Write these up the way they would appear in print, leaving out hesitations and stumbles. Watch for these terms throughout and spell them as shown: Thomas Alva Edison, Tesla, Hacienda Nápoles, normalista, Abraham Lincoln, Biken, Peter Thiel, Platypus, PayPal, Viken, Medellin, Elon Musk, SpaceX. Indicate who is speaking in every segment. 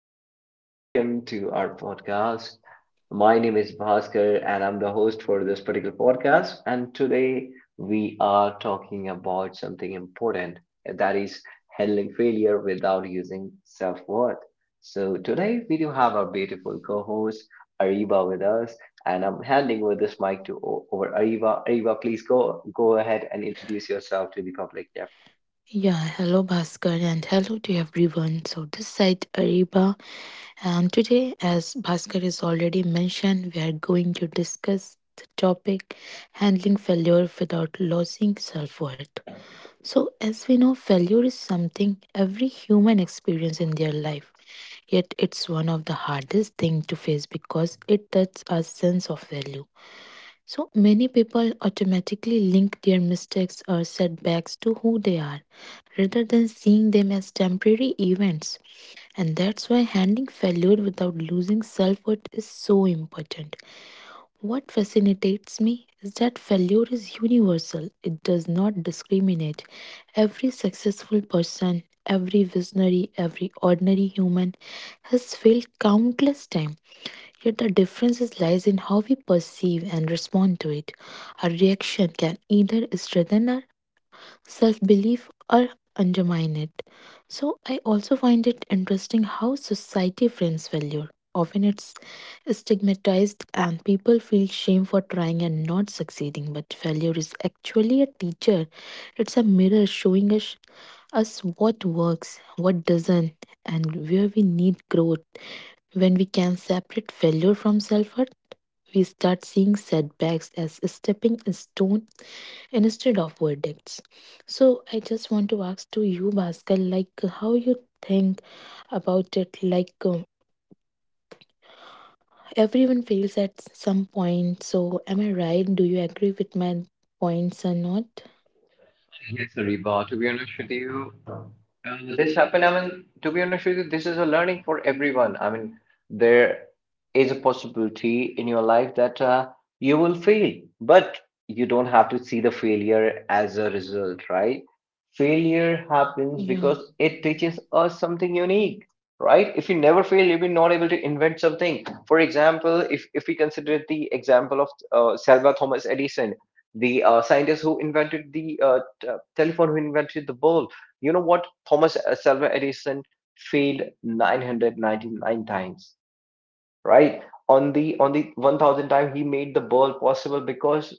Speaker 1: and welcome to our podcast. My name is Bhaskar, and I'm the host for this particular podcast. And today we are talking about something important, that is handling failure without using self worth. So today we do have our beautiful co host Ariba with us, and I'm handing over this mic to over Ariba. Ariba, please go ahead and introduce yourself to the public. Yep.
Speaker 2: Yeah, hello Bhaskar and hello to everyone. So this side Ariba and today as Bhaskar has already mentioned, we are going to discuss the topic handling failure without losing self-worth. So as we know, failure is something every human experience in their life. Yet it's one of the hardest thing to face because it touches our sense of value. So many people automatically link their mistakes or setbacks to who they are rather than seeing them as temporary events. And that's why handling failure without losing self worth is so important. What fascinates me is that failure is universal. It does not discriminate. Every successful person, every visionary, every ordinary human has failed countless times. Yet the difference is lies in how we perceive and respond to it. Our reaction can either strengthen our self belief or undermine it. So, I also find it interesting how society frames failure. Often it's stigmatized, and people feel shame for trying and not succeeding. But failure is actually a teacher, it's a mirror showing us what works, what doesn't, and where we need growth. When we can separate failure from self hurt, we start seeing setbacks as stepping stone instead of verdicts. So I just want to ask to you, Bhaskar, like how you think about it. Like everyone fails at some point. So am I right? Do you agree with my points or not?
Speaker 1: Yes, Ariba, to be honest with you. This happened. I mean, to be honest with you, this is a learning for everyone. I mean, there is a possibility in your life that you will fail, but you don't have to see the failure as a result, right? Failure happens
Speaker 2: Yeah,
Speaker 1: because it teaches us something unique, right? If you never fail, you'll be not able to invent something. For example, if we consider the example of Selva Thomas Edison, the scientist who invented the telephone, who invented the bulb. You know what, Thomas Alva Edison failed 999 times, right? On the 1,000th time he made the ball possible, because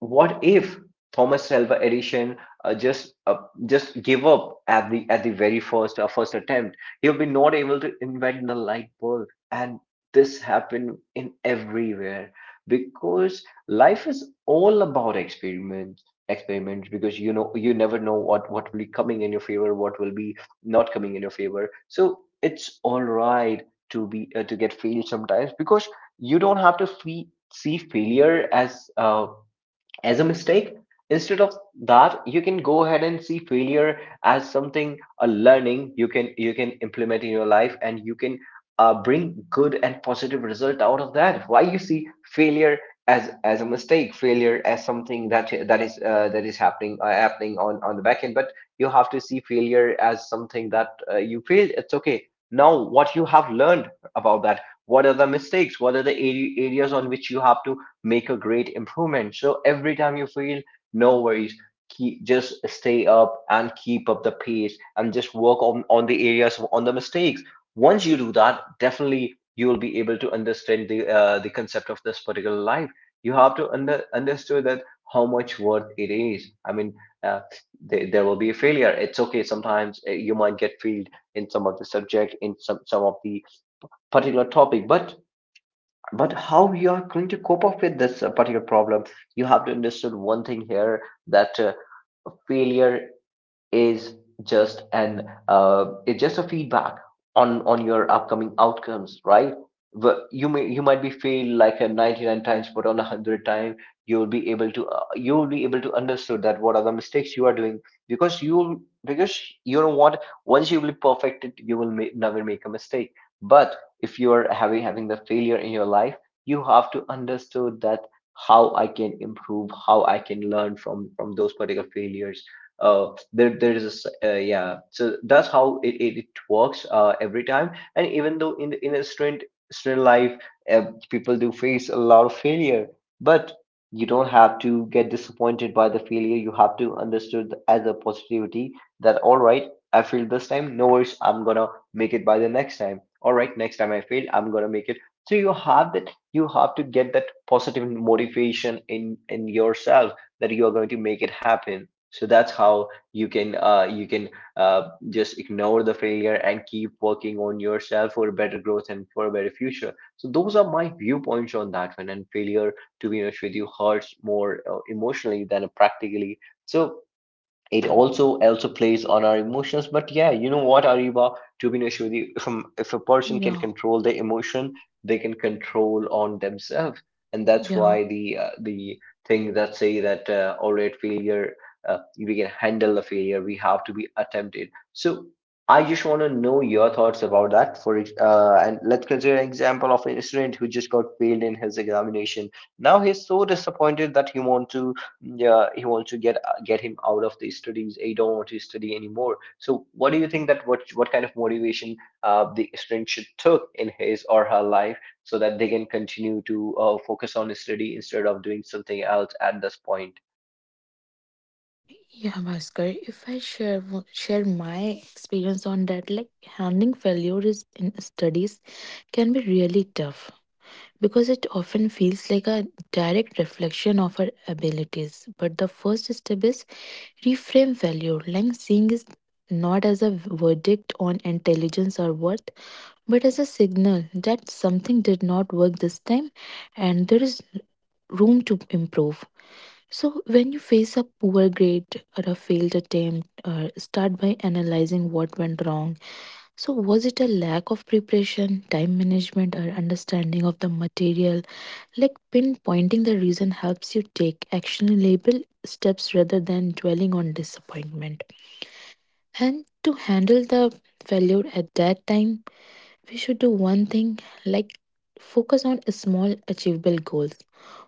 Speaker 1: what if Thomas Alva Edison uh, just uh, just give up at the very first attempt? He would be not able to invent the light bulb, and this happened in everywhere because life is all about experiments, experiments. Because you know, you never know what will be coming in your favor, what will be not coming in your favor. So it's all right to be to get failed sometimes, because you don't have to see failure as a mistake. Instead of that, you can go ahead and see failure as something, a learning you can, implement in your life, and you can bring good and positive result out of that. Why you see failure as a mistake, failure as something that that is happening, happening on the back end. But you have to see failure as something that, you failed, it's okay. Now what you have learned about that, what are the mistakes, what are the areas on which you have to make a great improvement. So every time you feel, no worries. Keep, just stay up and keep up the pace and just work on, the areas, on the mistakes. Once you do that, definitely you will be able to understand the concept of this particular life. You have to understood that how much worth it is. I mean, uh, there, will be a failure. It's okay. Sometimes you might get failed in some of the subject, in some of the particular topic, but how you are going to cope up with this particular problem. You have to understand one thing here, that failure is just an it's just a feedback on your upcoming outcomes, right? You might be failed like a 99 times, but on a 100 time you will be able to you will be able to understood that what are the mistakes you are doing, because you because you know what, once you will perfect it, you will never make a mistake. But if you are having the failure in your life, you have to understood that how I can improve, how I can learn from those particular failures. Uh, there there is a s- Yeah, so that's how it works every time, and even though, in a student life, uh, people do face a lot of failure. But you don't have to get disappointed by the failure. You have to understood as a positivity, that all right, I failed this time, no worries, I'm gonna make it by the next time. All right, next time I fail, I'm gonna make it. So you have that, you have to get that positive motivation in yourself, that you are going to make it happen. So that's how you can, just ignore the failure and keep working on yourself for better growth and for a better future. So those are my viewpoints on that one. And failure, to be honest with you, hurts more emotionally than practically. So it also plays on our emotions. But yeah, you know what, Ariba, to be honest with you, if a person can
Speaker 2: yeah,
Speaker 1: control their emotion, they can control on themselves. And that's
Speaker 2: yeah.
Speaker 1: why the the thing that say that, all right, failure, we can handle the failure, we have to be attempted. So I just want to know your thoughts about that. And let's consider an example of an student who just got failed in his examination. Now he's so disappointed that he want to, yeah, he wants to get him out of the studies. I don't want to study anymore. So what do you think that, what kind of motivation the student should took in his or her life, so that they can continue to focus on study instead of doing something else at this point?
Speaker 2: Yeah, Bhaskar, if I share share my experience on that, like handling failure is in studies can be really tough because it often feels like a direct reflection of our abilities. But the first step is reframe value, like seeing is not as a verdict on intelligence or worth, but as a signal that something did not work this time and there is room to improve. So, when you face a poor grade or a failed attempt, start by analyzing what went wrong. So, was it a lack of preparation, time management, or understanding of the material? Like pinpointing the reason helps you take actionable steps rather than dwelling on disappointment. And to handle the failure at that time, we should do one thing like focus on small achievable goals.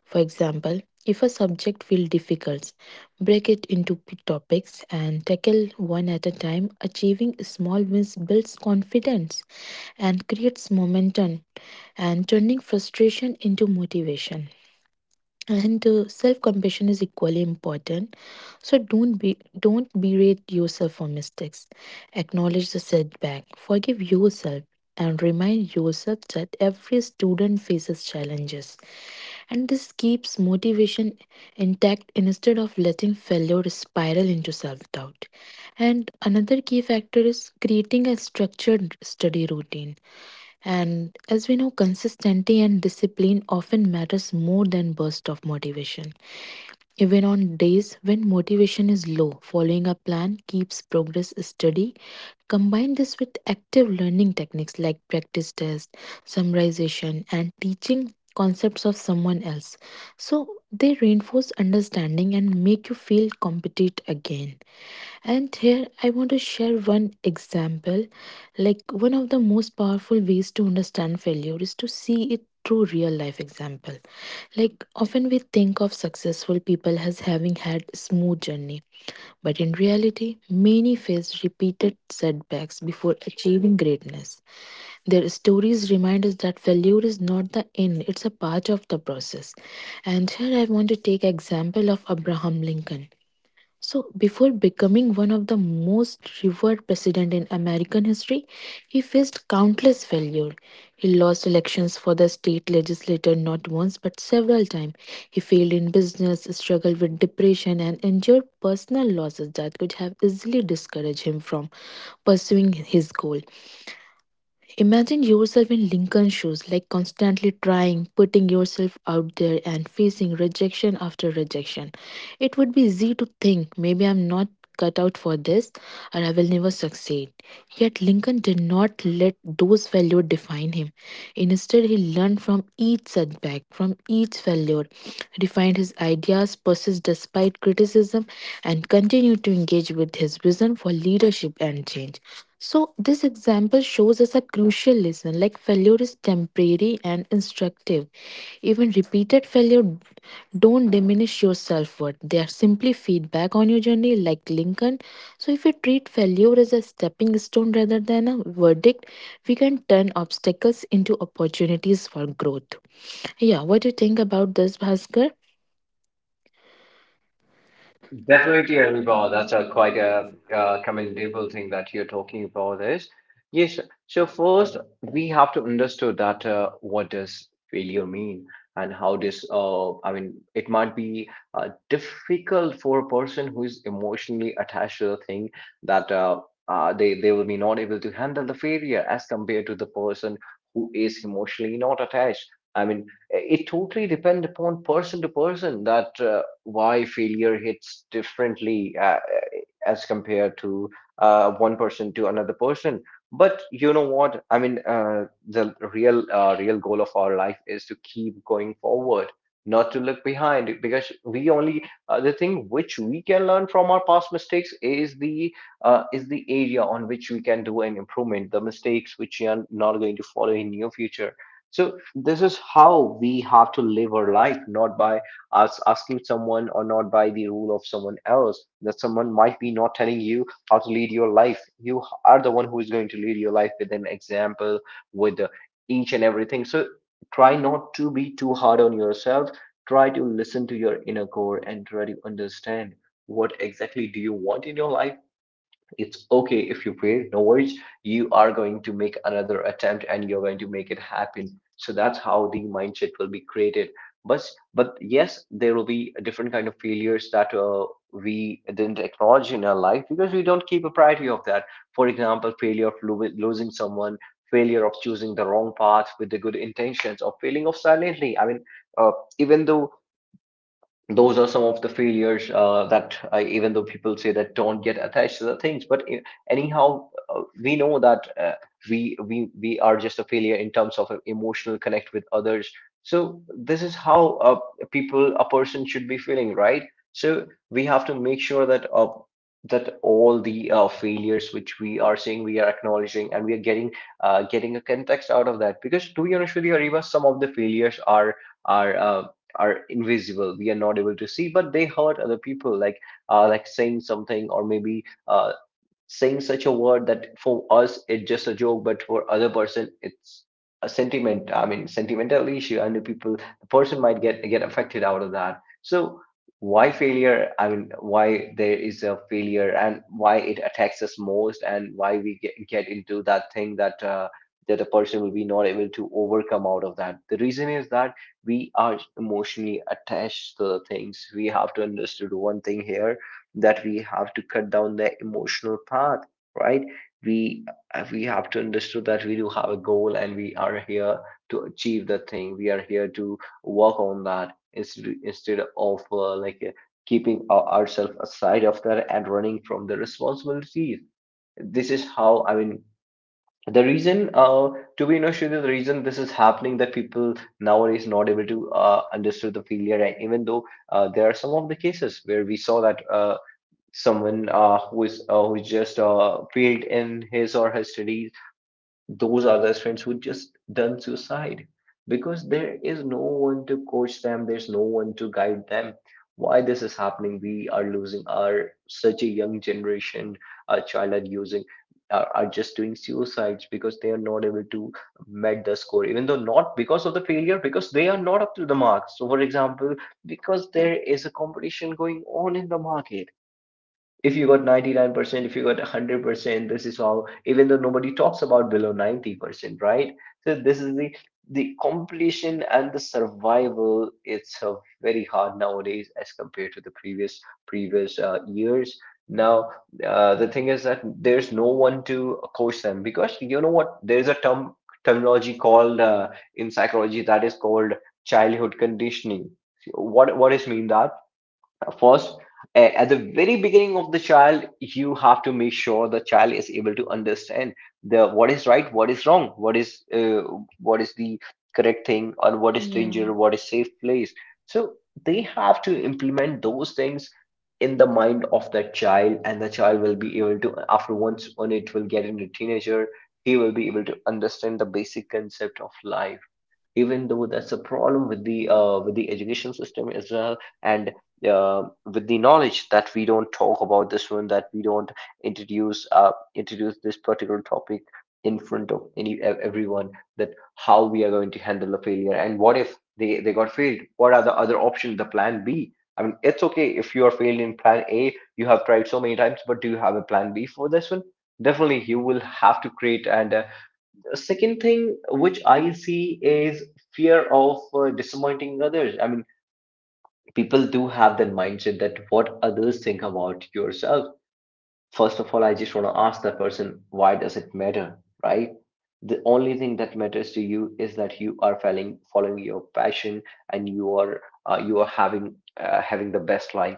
Speaker 2: For example, if a subject feels difficult, break it into topics and tackle one at a time. Achieving small wins builds confidence and creates momentum and turning frustration into motivation and self compassion is equally important. So don't be don't berate yourself for mistakes, acknowledge the setback, forgive yourself, and remind yourself that every student faces challenges, and this keeps motivation intact instead of letting failure spiral into self doubt. And another key factor is creating a structured study routine, and as we know, consistency and discipline often matters more than burst of motivation. Even on days when motivation is low, following a plan keeps progress steady. Combine this with active learning techniques like practice tests, summarization, and teaching concepts of someone else. So they reinforce understanding and make you feel competent again. And here I want to share one example. Like one of the most powerful ways to understand failure is to see it through real life example. Like often we think of successful people as having had smooth journey, but in reality, many face repeated setbacks before achieving greatness. Their stories remind us that failure is not the end, it's a part of the process. And here I want to take example of Abraham Lincoln. So, before becoming one of the most revered president in American history, he faced countless failure. He lost elections for the state legislature not once but several times. He failed in business, struggled with depression, and endured personal losses that could have easily discouraged him from pursuing his goal. Imagine yourself in Lincoln's shoes, like constantly trying, putting yourself out there, and facing rejection after rejection. It would be easy to think, maybe I'm not cut out for this, or I will never succeed. Yet Lincoln did not let those failures define him. Instead, he learned from each setback, from each failure, refined his ideas, persisted despite criticism, and continued to engage with his vision for leadership and change. So, this example shows us a crucial lesson like failure is temporary and instructive. Even repeated failure don't diminish your self worth, they are simply feedback on your journey, like Lincoln. So, if you treat failure as a stepping stone rather than a verdict, we can turn obstacles into opportunities for growth. Yeah, what do you think about this, Bhaskar?
Speaker 1: Definitely, Anubhav. That's a quite a commendable thing that you're talking about is. Yes. So first, we have to understand that, what does failure mean and how this. I mean, it might be difficult for a person who is emotionally attached to the thing, that they will be not able to handle the failure as compared to the person who is emotionally not attached. I mean, it totally depend upon person to person that. Why failure hits differently, as compared to one person to another person. But you know what? I mean, the real real goal of our life is to keep going forward, not to look behind, because we only, the thing which we can learn from our past mistakes is the area on which we can do an improvement, the mistakes which we are not going to follow in near future. So this is how we have to live our life, not by as asking someone or not by the rule of someone else, that someone might be not telling you how to lead your life. You are the one who is going to lead your life with an example, with each and everything. So try not to be too hard on yourself. Try to listen to your inner core and try to understand what exactly do you want in your life. It's okay if you fail, no worries, you are going to make another attempt and you're going to make it happen. So that's how the mindset will be created. But yes, there will be a different kind of failures that, we didn't acknowledge in our life because we don't keep a priority of that. For example, failure of losing someone, failure of choosing the wrong path with the good intentions, or failing of silently. I mean, uh, even though, those are some of the failures that I, even though people say that don't get attached to the things, but I- anyhow, we know that we are just a failure in terms of emotional connect with others. So this is how uh, people, a person should be feeling, right? So we have to make sure that, that all the failures which we are seeing, we are acknowledging, and we are getting getting a context out of that. Because to be honest with you, Ariba, some of the failures are, are uh, are invisible, we are not able to see, but they hurt other people, like saying something, or maybe saying such a word, that for us it's just a joke, but for other person it's a sentiment. I mean, sentimental issue, and the people, the person might get affected out of that. So why failure? I mean, why there is a failure, and why it attacks us most, and why we get into that thing that. That a person will be not able to overcome out of that. The reason is that we are emotionally attached to the things. We have to understand one thing here, that we have to cut down the emotional path. Right, we we have to understand that we do have a goal, and we are here to achieve that thing. We are here to work on that, instead of like, keeping ourselves aside of that and running from the responsibilities. This is how, I mean, the reason, to be honest with you, the reason this is happening, that people nowadays not able to understand the failure. And even though, there are some of the cases where we saw that, someone who is just failed in his or her studies, those are the students who just done suicide, because there is no one to coach them, there's no one to guide them. Why this is happening? We are losing our such a young generation. Our child are using, are just doing suicides, because they are not able to met the score, even though not because of the failure, because they are not up to the mark. So for example, because there is a competition going on in the market, if you got 99%, if you got 100%, this is how, even though nobody talks about below 90%, right? So this is the completion and the survival, it's very hard nowadays as compared to the previous years. Now, the thing is that there's no one to coach them, because you know what, there's a terminology called, in psychology, that is called childhood conditioning. So what is mean that, first, at the very beginning of the child, you have to make sure the child is able to understand the what is right, what is wrong, what is the correct thing, or what is
Speaker 2: Yeah.
Speaker 1: danger, what is safe place. So they have to implement those things in the mind of the child, and the child will be able to, after once when it will get into teenager, he will be able to understand the basic concept of life. Even though, that's a problem with the education system as well. And with the knowledge, that we don't talk about this one, that we don't introduce, introduce this particular topic in front of any everyone, that how we are going to handle the failure, and what if they got failed, what are the other options, the plan B? I mean, it's okay if you are failed in plan A, you have tried so many times, but do you have a plan B for this one? Definitely you will have to create. And the second thing which I see is fear of disappointing others. I mean, people do have that mindset, that what others think about yourself. First of all, I just want to ask that person, why does it matter, right? The only thing that matters to you is that you are following your passion, and you are having having the best life.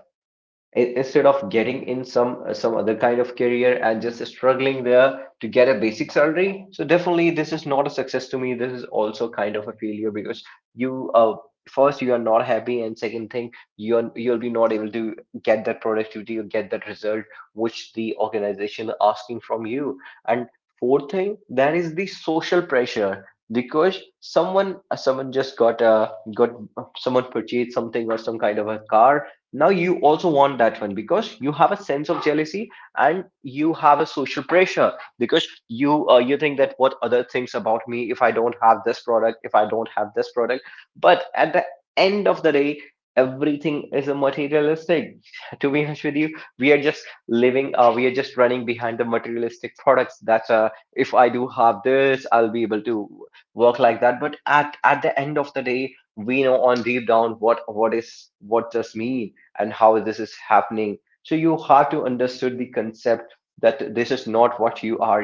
Speaker 1: Instead of getting in some other kind of career and just struggling there to get a basic salary, so definitely this is not a success to me, this is also kind of a failure, because you, first you are not happy, and second thing, you'll be not able to get that productivity or get that result which the organization are asking from you. And fourth thing, that is the social pressure. Because someone, someone just got, someone purchased something or some kind of a car, now you also want that one, because you have a sense of jealousy, and you have a social pressure, because you, you think that what other thinks about me if I don't have this product, if I don't have this product. But at the end of the day, everything is a materialistic to be honest with you. We are just living, we are just running behind the materialistic products. That's if I do have this, I'll be able to work like that. But at the end of the day, we know on deep down what is, what does mean, and how this is happening. So you have to understand the concept, that this is not what you are,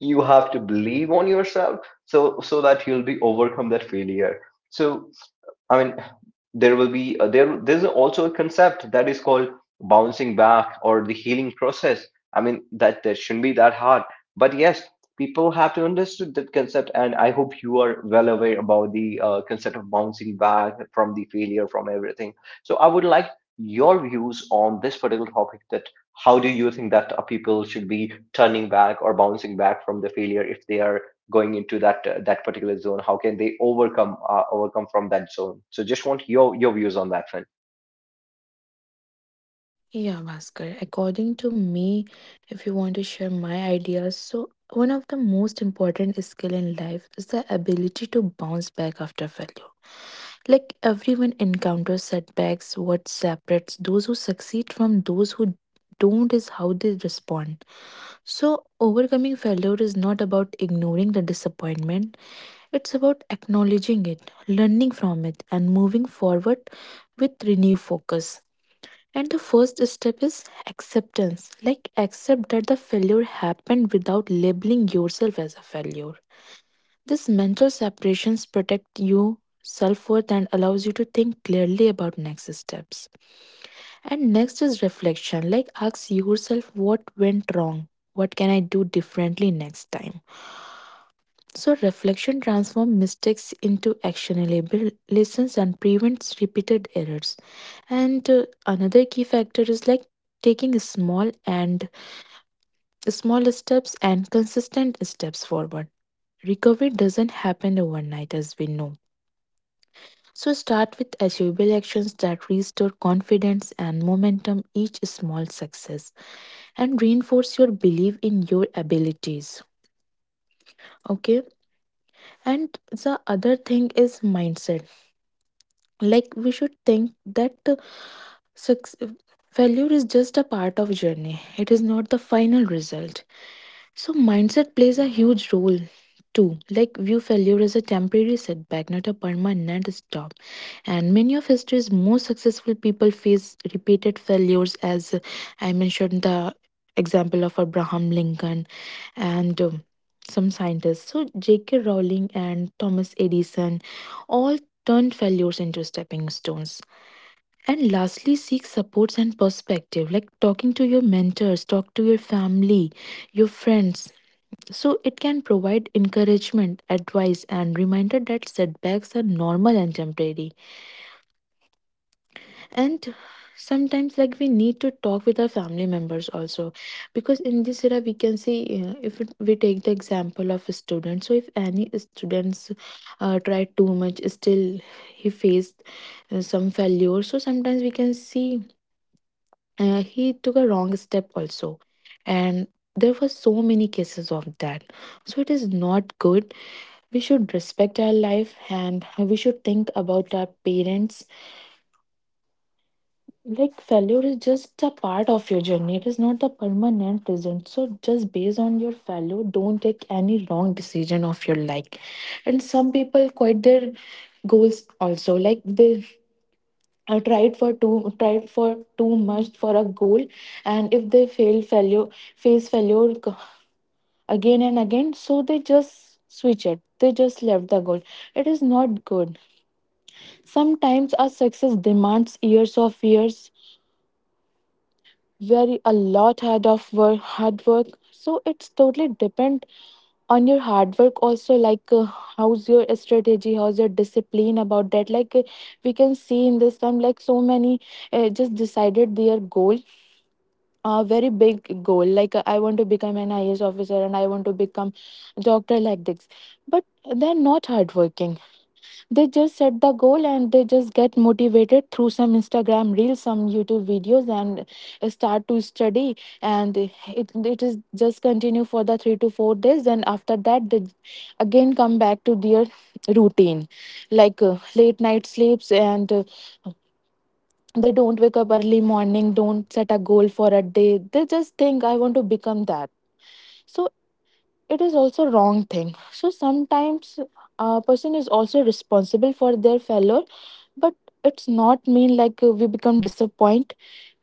Speaker 1: you have to believe on yourself, so that you'll be overcome that failure. So, I mean, there will be There's also a concept that is called bouncing back, or the healing process. I mean, that that shouldn't be that hard. But yes, people have to understand that concept, and I hope you are well aware about the concept of bouncing back from the failure, from everything. So I would like your views on this particular topic. That how do you think that people should be turning back or bouncing back from the failure, if they are going into that that particular zone, how can they overcome, overcome from that zone? So just want your views on that, friend.
Speaker 2: Yeah, Bhaskar. According to me, if you want to share my ideas, so one of the most important skill in life is the ability to bounce back after failure. Like everyone encounters setbacks, what separates those who succeed from those who don't is how they respond. So overcoming failure is not about ignoring the disappointment. It's about acknowledging it, learning from it, and moving forward with renewed focus. And the first step is acceptance. Like, accept that the failure happened without labeling yourself as a failure. This mental separations protect you self-worth and allows you to think clearly about next steps. And next is reflection. Like, ask yourself what went wrong. What can I do differently next time? So reflection transforms mistakes into actionable lessons and prevents repeated errors. And another key factor is like taking small steps and consistent steps forward. Recovery doesn't happen overnight as we know. So start with achievable actions that restore confidence and momentum, each small success and reinforce your belief in your abilities. Okay? And the other thing is mindset, like we should think that success, failure is just a part of journey, it is not the final result. So mindset plays a huge role too, like view failure as a temporary setback not a permanent stop. And many of history's most successful people face repeated failures. As I mentioned the example of Abraham Lincoln and some scientists so JK Rowling and Thomas Edison all turned failures into stepping stones. And lastly, seek supports and perspective, like talking to your mentors, talk to your family, your friends. So it can provide encouragement, advice, and reminder that setbacks are normal and temporary. And sometimes, like we need to talk with our family members also, because in this era we can see, if we take the example of a student. So if any students try too much, still he faced some failure. So sometimes we can see he took a wrong step also, and there were so many cases of that. So it is not good. We should respect our life and we should think about our parents. Like failure is just a part of your journey, it is not a permanent result, so just based on your failure don't take any wrong decision of your life. And some people quit their goals also, like they tried for too much for a goal, and if they fail failure face failure again and again, so they just switch it, they just left the goal. It is not good. Sometimes our success demands years of years, very a lot hard of work, hard work. So it's totally depend on your hard work also, like how's your strategy, how's your discipline about that. Like we can see in this time like so many just decided their goal, a very big goal, like I want to become an IAS officer and I want to become a doctor like this, but they're not hardworking. They just set the goal and they just get motivated through some Instagram reels, some YouTube videos, and start to study, and it is just continue for the 3 to 4 days, then after that they again come back to their routine, like late night sleeps and they don't wake up early morning, don't set a goal for a day, they just think I want to become that. So it is also wrong thing. So sometimes a person is also responsible for their failure, but it's not mean like we become disappointed.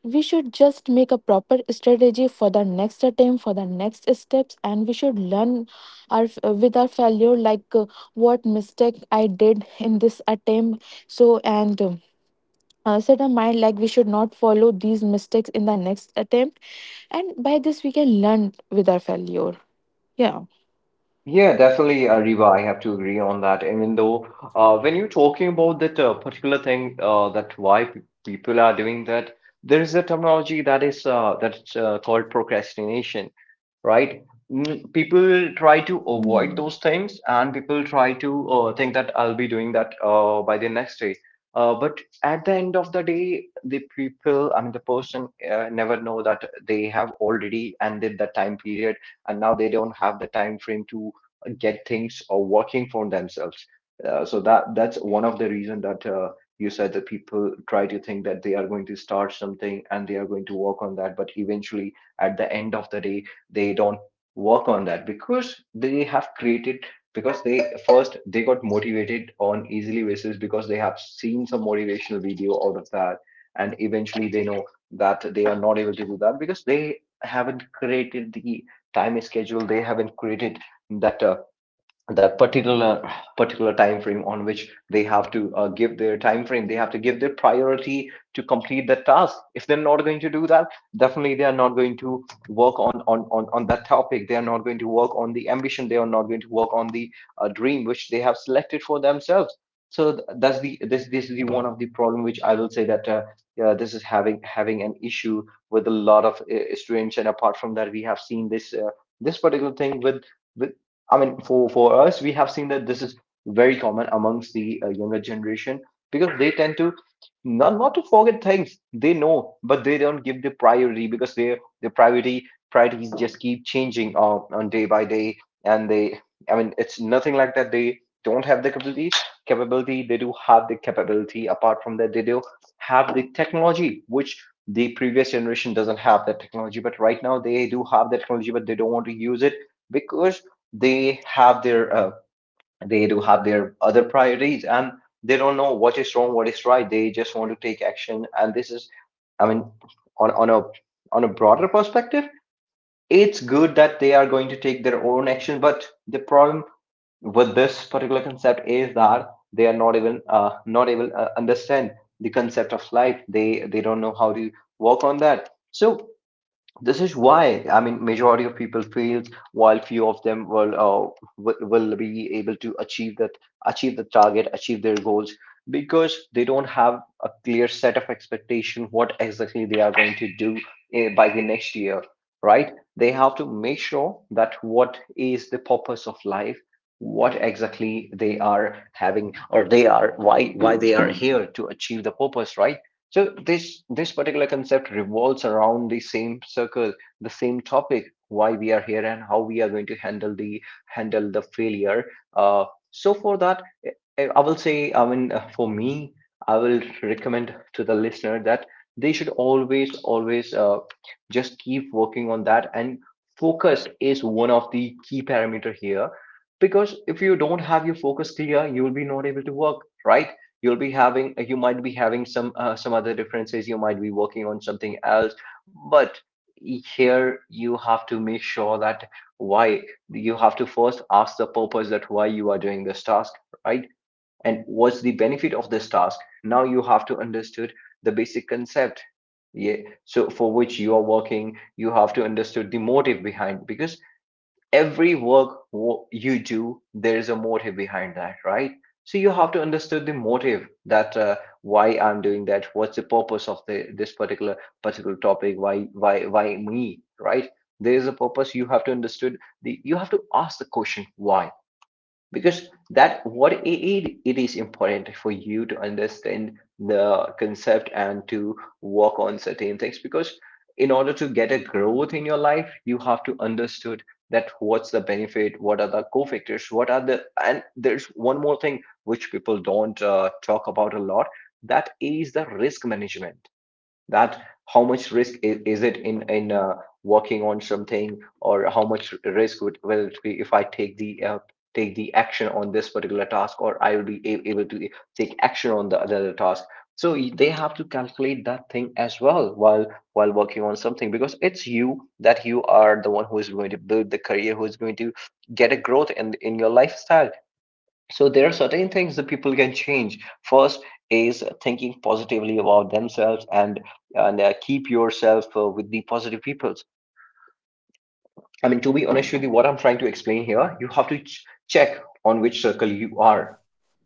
Speaker 2: We should just make a proper strategy for the next attempt, for the next steps, and we should learn with our failure, like what mistake I did in this attempt. So and set our mind like we should not follow these mistakes in the next attempt, and by this we can learn with our failure. Yeah,
Speaker 1: Yeah, definitely, Ariba, I have to agree on that. Even though, when you're talking about that particular thing, that why people are doing that, there is a terminology that is that's called procrastination. Right? Mm, people try to
Speaker 2: yeah,
Speaker 1: avoid those things, and people try to think that I'll be doing that by the next day. But at the end of the day, the people, I mean, the person never know that they have already ended the time period, and now they don't have the time frame to get things working for themselves. So that that's one of the reason that, you said that people try to think that they are going to start something and they are going to work on that, but eventually, at the end of the day, they don't work on that, because they have created, because they first they got motivated on easily basis, because they have seen some motivational video out of that. And eventually they know that they are not able to do that, because they haven't created the time schedule, they haven't created that that particular time frame, on which they have to give their time frame, they have to give their priority to complete the task. If they're not going to do that, definitely they are not going to work on on that topic, they are not going to work on the ambition, they are not going to work on the dream which they have selected for themselves. So that's the, this is the one of the problem which I will say that, yeah, this is having an issue with a lot of students. And apart from that, we have seen this this particular thing with with I mean, for us, we have seen that this is very common amongst the younger generation, because they tend to not to forget things they know, but they don't give the priority, because their priority priorities just keep changing on day by day, and they, I mean it's nothing like that they don't have the capability, they do have the capability. Apart from that, they do have the technology which the previous generation doesn't have that technology, but right now they do have the technology, but they don't want to use it, because they have their they do have their other priorities. And they don't know what is wrong, what is right, they just want to take action, and this is, I mean, on a on a broader perspective, it's good that they are going to take their own action. But the problem with this particular concept is that they are not even not even understand the concept of life, they don't know how to work on that. So this is why, I mean, majority of people fails, while few of them will will be able to achieve that, achieve the target, achieve their goals, because they don't have a clear set of expectation what exactly they are going to do by the next year. Right, they have to make sure that what is the purpose of life, what exactly they are having, or they are, why they are here to achieve the purpose, right? So this particular concept revolves around the same circle, the same topic, why we are here, and how we are going to handle the failure. Uh, so for that, I will say, I mean, for me, I will recommend to the listener that they should always just keep working on that. And focus is one of the key parameter here, because if you don't have your focus clear, you will be not able to work, right? You'll be having, you might be having some other differences, you might be working on something else, but here you have to make sure that why. You have to first ask the purpose, that why you are doing this task, right? And what's the benefit of this task? Now you have to understood the basic concept. Yeah. So for which you are working, you have to understood the motive behind, because every you do, there is a motive behind that, right? So you have to understand the motive, that why I'm doing that. What's the purpose of the, this particular topic? Why me? Right? There is a purpose. You have to understood the. You have to ask the question why, because that what it is important for you to understand the concept and to work on certain things, because in order to get a growth in your life you have to understood that what's the benefit, what are the co-factors, what are the. And there's one more thing which people don't talk about a lot, that is the risk management, that how much risk is it in in working on something, or how much risk would will it be if I take the action on this particular task, or I will be able to take action on the other task. So they have to calculate that thing as well while working on something, because it's you, that you are the one who is going to build the career, who is going to get a growth in your lifestyle. So there are certain things that people can change. First is thinking positively about themselves, and and keep yourself with the positive peoples. I mean, to be honest with you, what I'm trying to explain here, you have to check on which circle you are,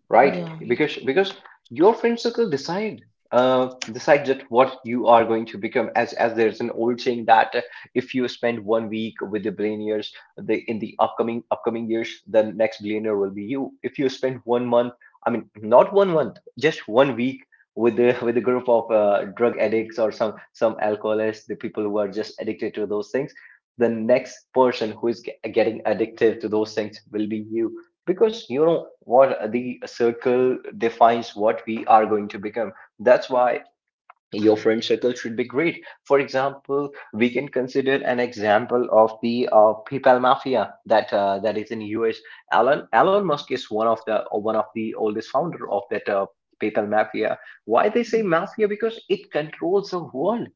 Speaker 1: right?
Speaker 2: yeah,
Speaker 1: Because your friend circle decide, uh, decides that what you are going to become. As there's an old saying that if you spend one week with the billionaires, the in the upcoming years, the next billionaire will be you. If you spend one month, I mean not one month, just one week with the with a group of drug addicts or some alcoholists, the people who are just addicted to those things, the next person who is getting addicted to those things will be you, because you know what, the circle defines what we are going to become. That's why your friend circle should be great. For example, we can consider an example of the PayPal mafia, that that is in US. Elon Musk is one of the oldest founder of that PayPal mafia. Why they say mafia? Because it controls the world.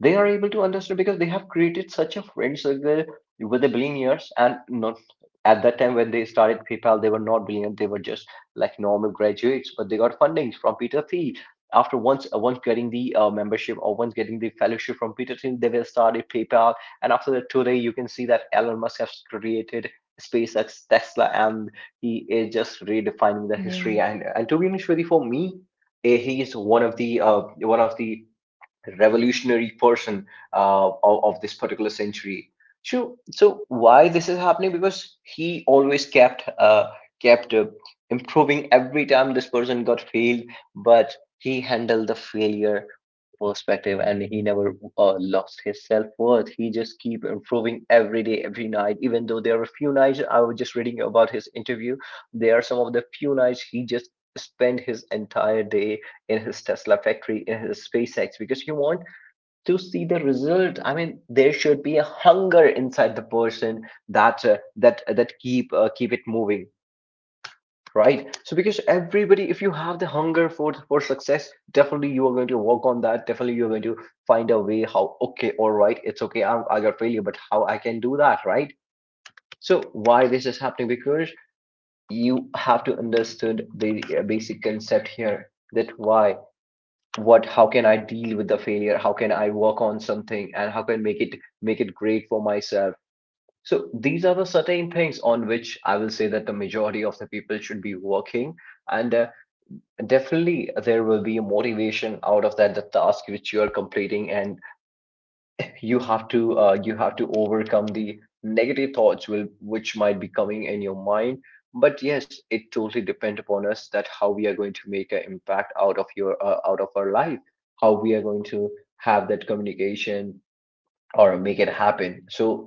Speaker 1: They are able to understand, because they have created such a friend circle with the billionaires. And not at that time when they started PayPal, they were not billionaires, they were just like normal graduates, but they got funding from Peter Thiel. After once once getting the membership, or once getting the fellowship from Peter Thiel, they will started PayPal, and after that today you can see that Elon Musk has created SpaceX, Tesla, and he is just redefining the history.
Speaker 2: yeah,
Speaker 1: And to be honest with you, for me, eh, he is one of the revolutionary person of this particular century. So, so why this is happening? Because he always kept improving. Every time this person got failed, but he handled the failure perspective, and he never lost his self-worth. He just keep improving every day, every night. Even though there are few nights, I was just reading about his interview, there are some of the few nights he just spent his entire day in his Tesla factory, in his SpaceX, because you want to see the result. I mean, there should be a hunger inside the person, that that keep it moving, right? So because everybody, if you have the hunger for success, definitely you are going to work on that. Definitely you are going to find a way. How, okay, all right, it's okay, I got failure, but how I can do that, right? So why this is happening? Because you have to understand the basic concept here, that why, what, how can I deal with the failure, how can I work on something, and how can make it great for myself. So these are the certain things on which I will say that the majority of the people should be working, and definitely there will be a motivation out of that, the task which you are completing. And you have to overcome the negative thoughts will which might be coming in your mind. But yes, it totally depends upon us, that how we are going to make an impact out of your out of our life, how we are going to have that communication, or make it happen. So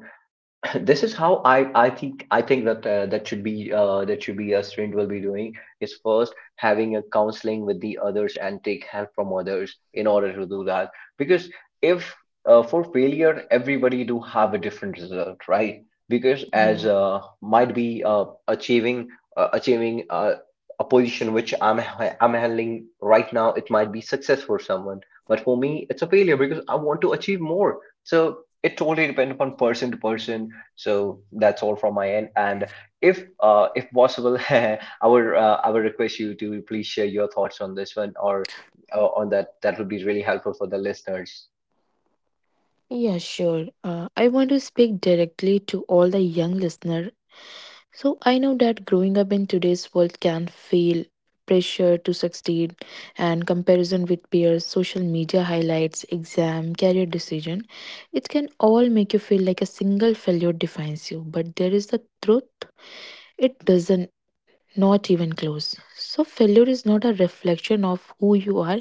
Speaker 1: this is how I I think that should be that should be a student will be doing, is first having a counseling with the others and take help from others in order to do that. Because if, for failure, everybody do have a different result, right? Because as
Speaker 2: yeah.
Speaker 1: might be achieving achieving a position which I'm I'm handling right now, it might be success for someone, but for me it's a failure, because I want to achieve more. So it totally depends upon person to person. So that's all from my end. And if possible, I would I would request you to please share your thoughts on this one, or on that. That would be really helpful for the listeners.
Speaker 2: Yeah, sure. I want to speak directly to all the young listener. So I know that growing up in today's world can feel pressure to succeed and comparison with peers, social media highlights, exam, career decision. It can all make you feel like a single failure defines you, but there is the truth. It doesn't, not even close. So, failure is not a reflection of who you are,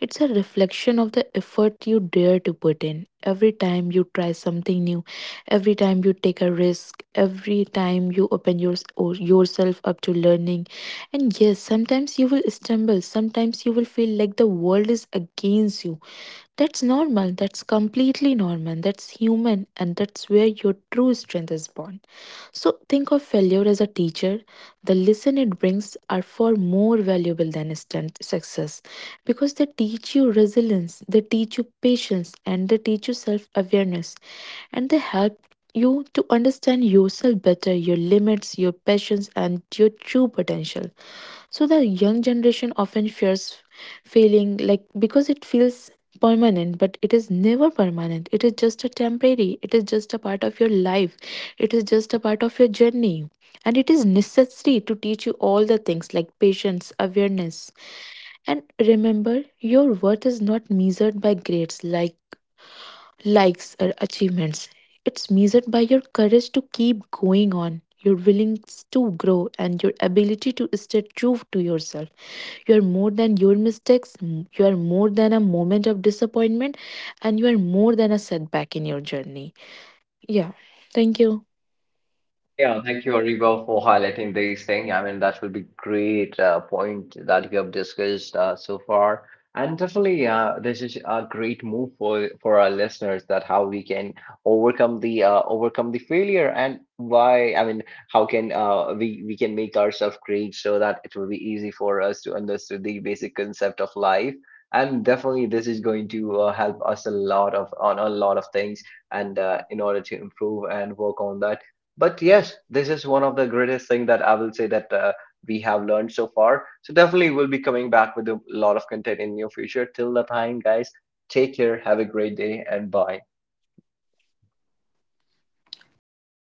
Speaker 2: it's a reflection of the effort you dare to put in. Every time you try something new, every time you take a risk, every time you open yours or yourself up to learning. And yes, sometimes you will stumble, sometimes you will feel like the world is against you, that's normal. That's completely normal. That's human. And that's where your true strength is born. So think of failure as a teacher. The lesson it brings are far more valuable than instant success because they teach you resilience, they teach you patience, and they teach you self awareness. And they help you to understand yourself better, your limits, your passions, and your true potential. So the young generation often fears failing, like because it feels permanent, but it is never permanent. It is just a temporary. It is just a part of your life. It is just a part of your journey. And it is necessary to teach you all the things like patience, awareness. And remember, your worth is not measured by grades like likes or achievements. It's measured by your courage to keep going on, your willingness to grow, and your ability to stay true to yourself. You are more than your mistakes, you are more than a moment of disappointment, and you are more than a setback in your journey. Yeah, thank you.
Speaker 1: Yeah, thank you, Ariba, for highlighting these things. I mean, that will be great point that you have discussed so far. And definitely, this is a great move for our listeners, that how we can overcome the failure, and why. I mean, how can we can make ourselves great, so that it will be easy for us to understand the basic concept of life. And definitely, this is going to help us a lot of on a lot of things, and in order to improve and work on that. But yes, this is one of the greatest thing that I will say that we have learned so far. So definitely we'll be coming back with a lot of content in near future. Till the time, guys, take care, have a great day, and bye.
Speaker 2: Okay, take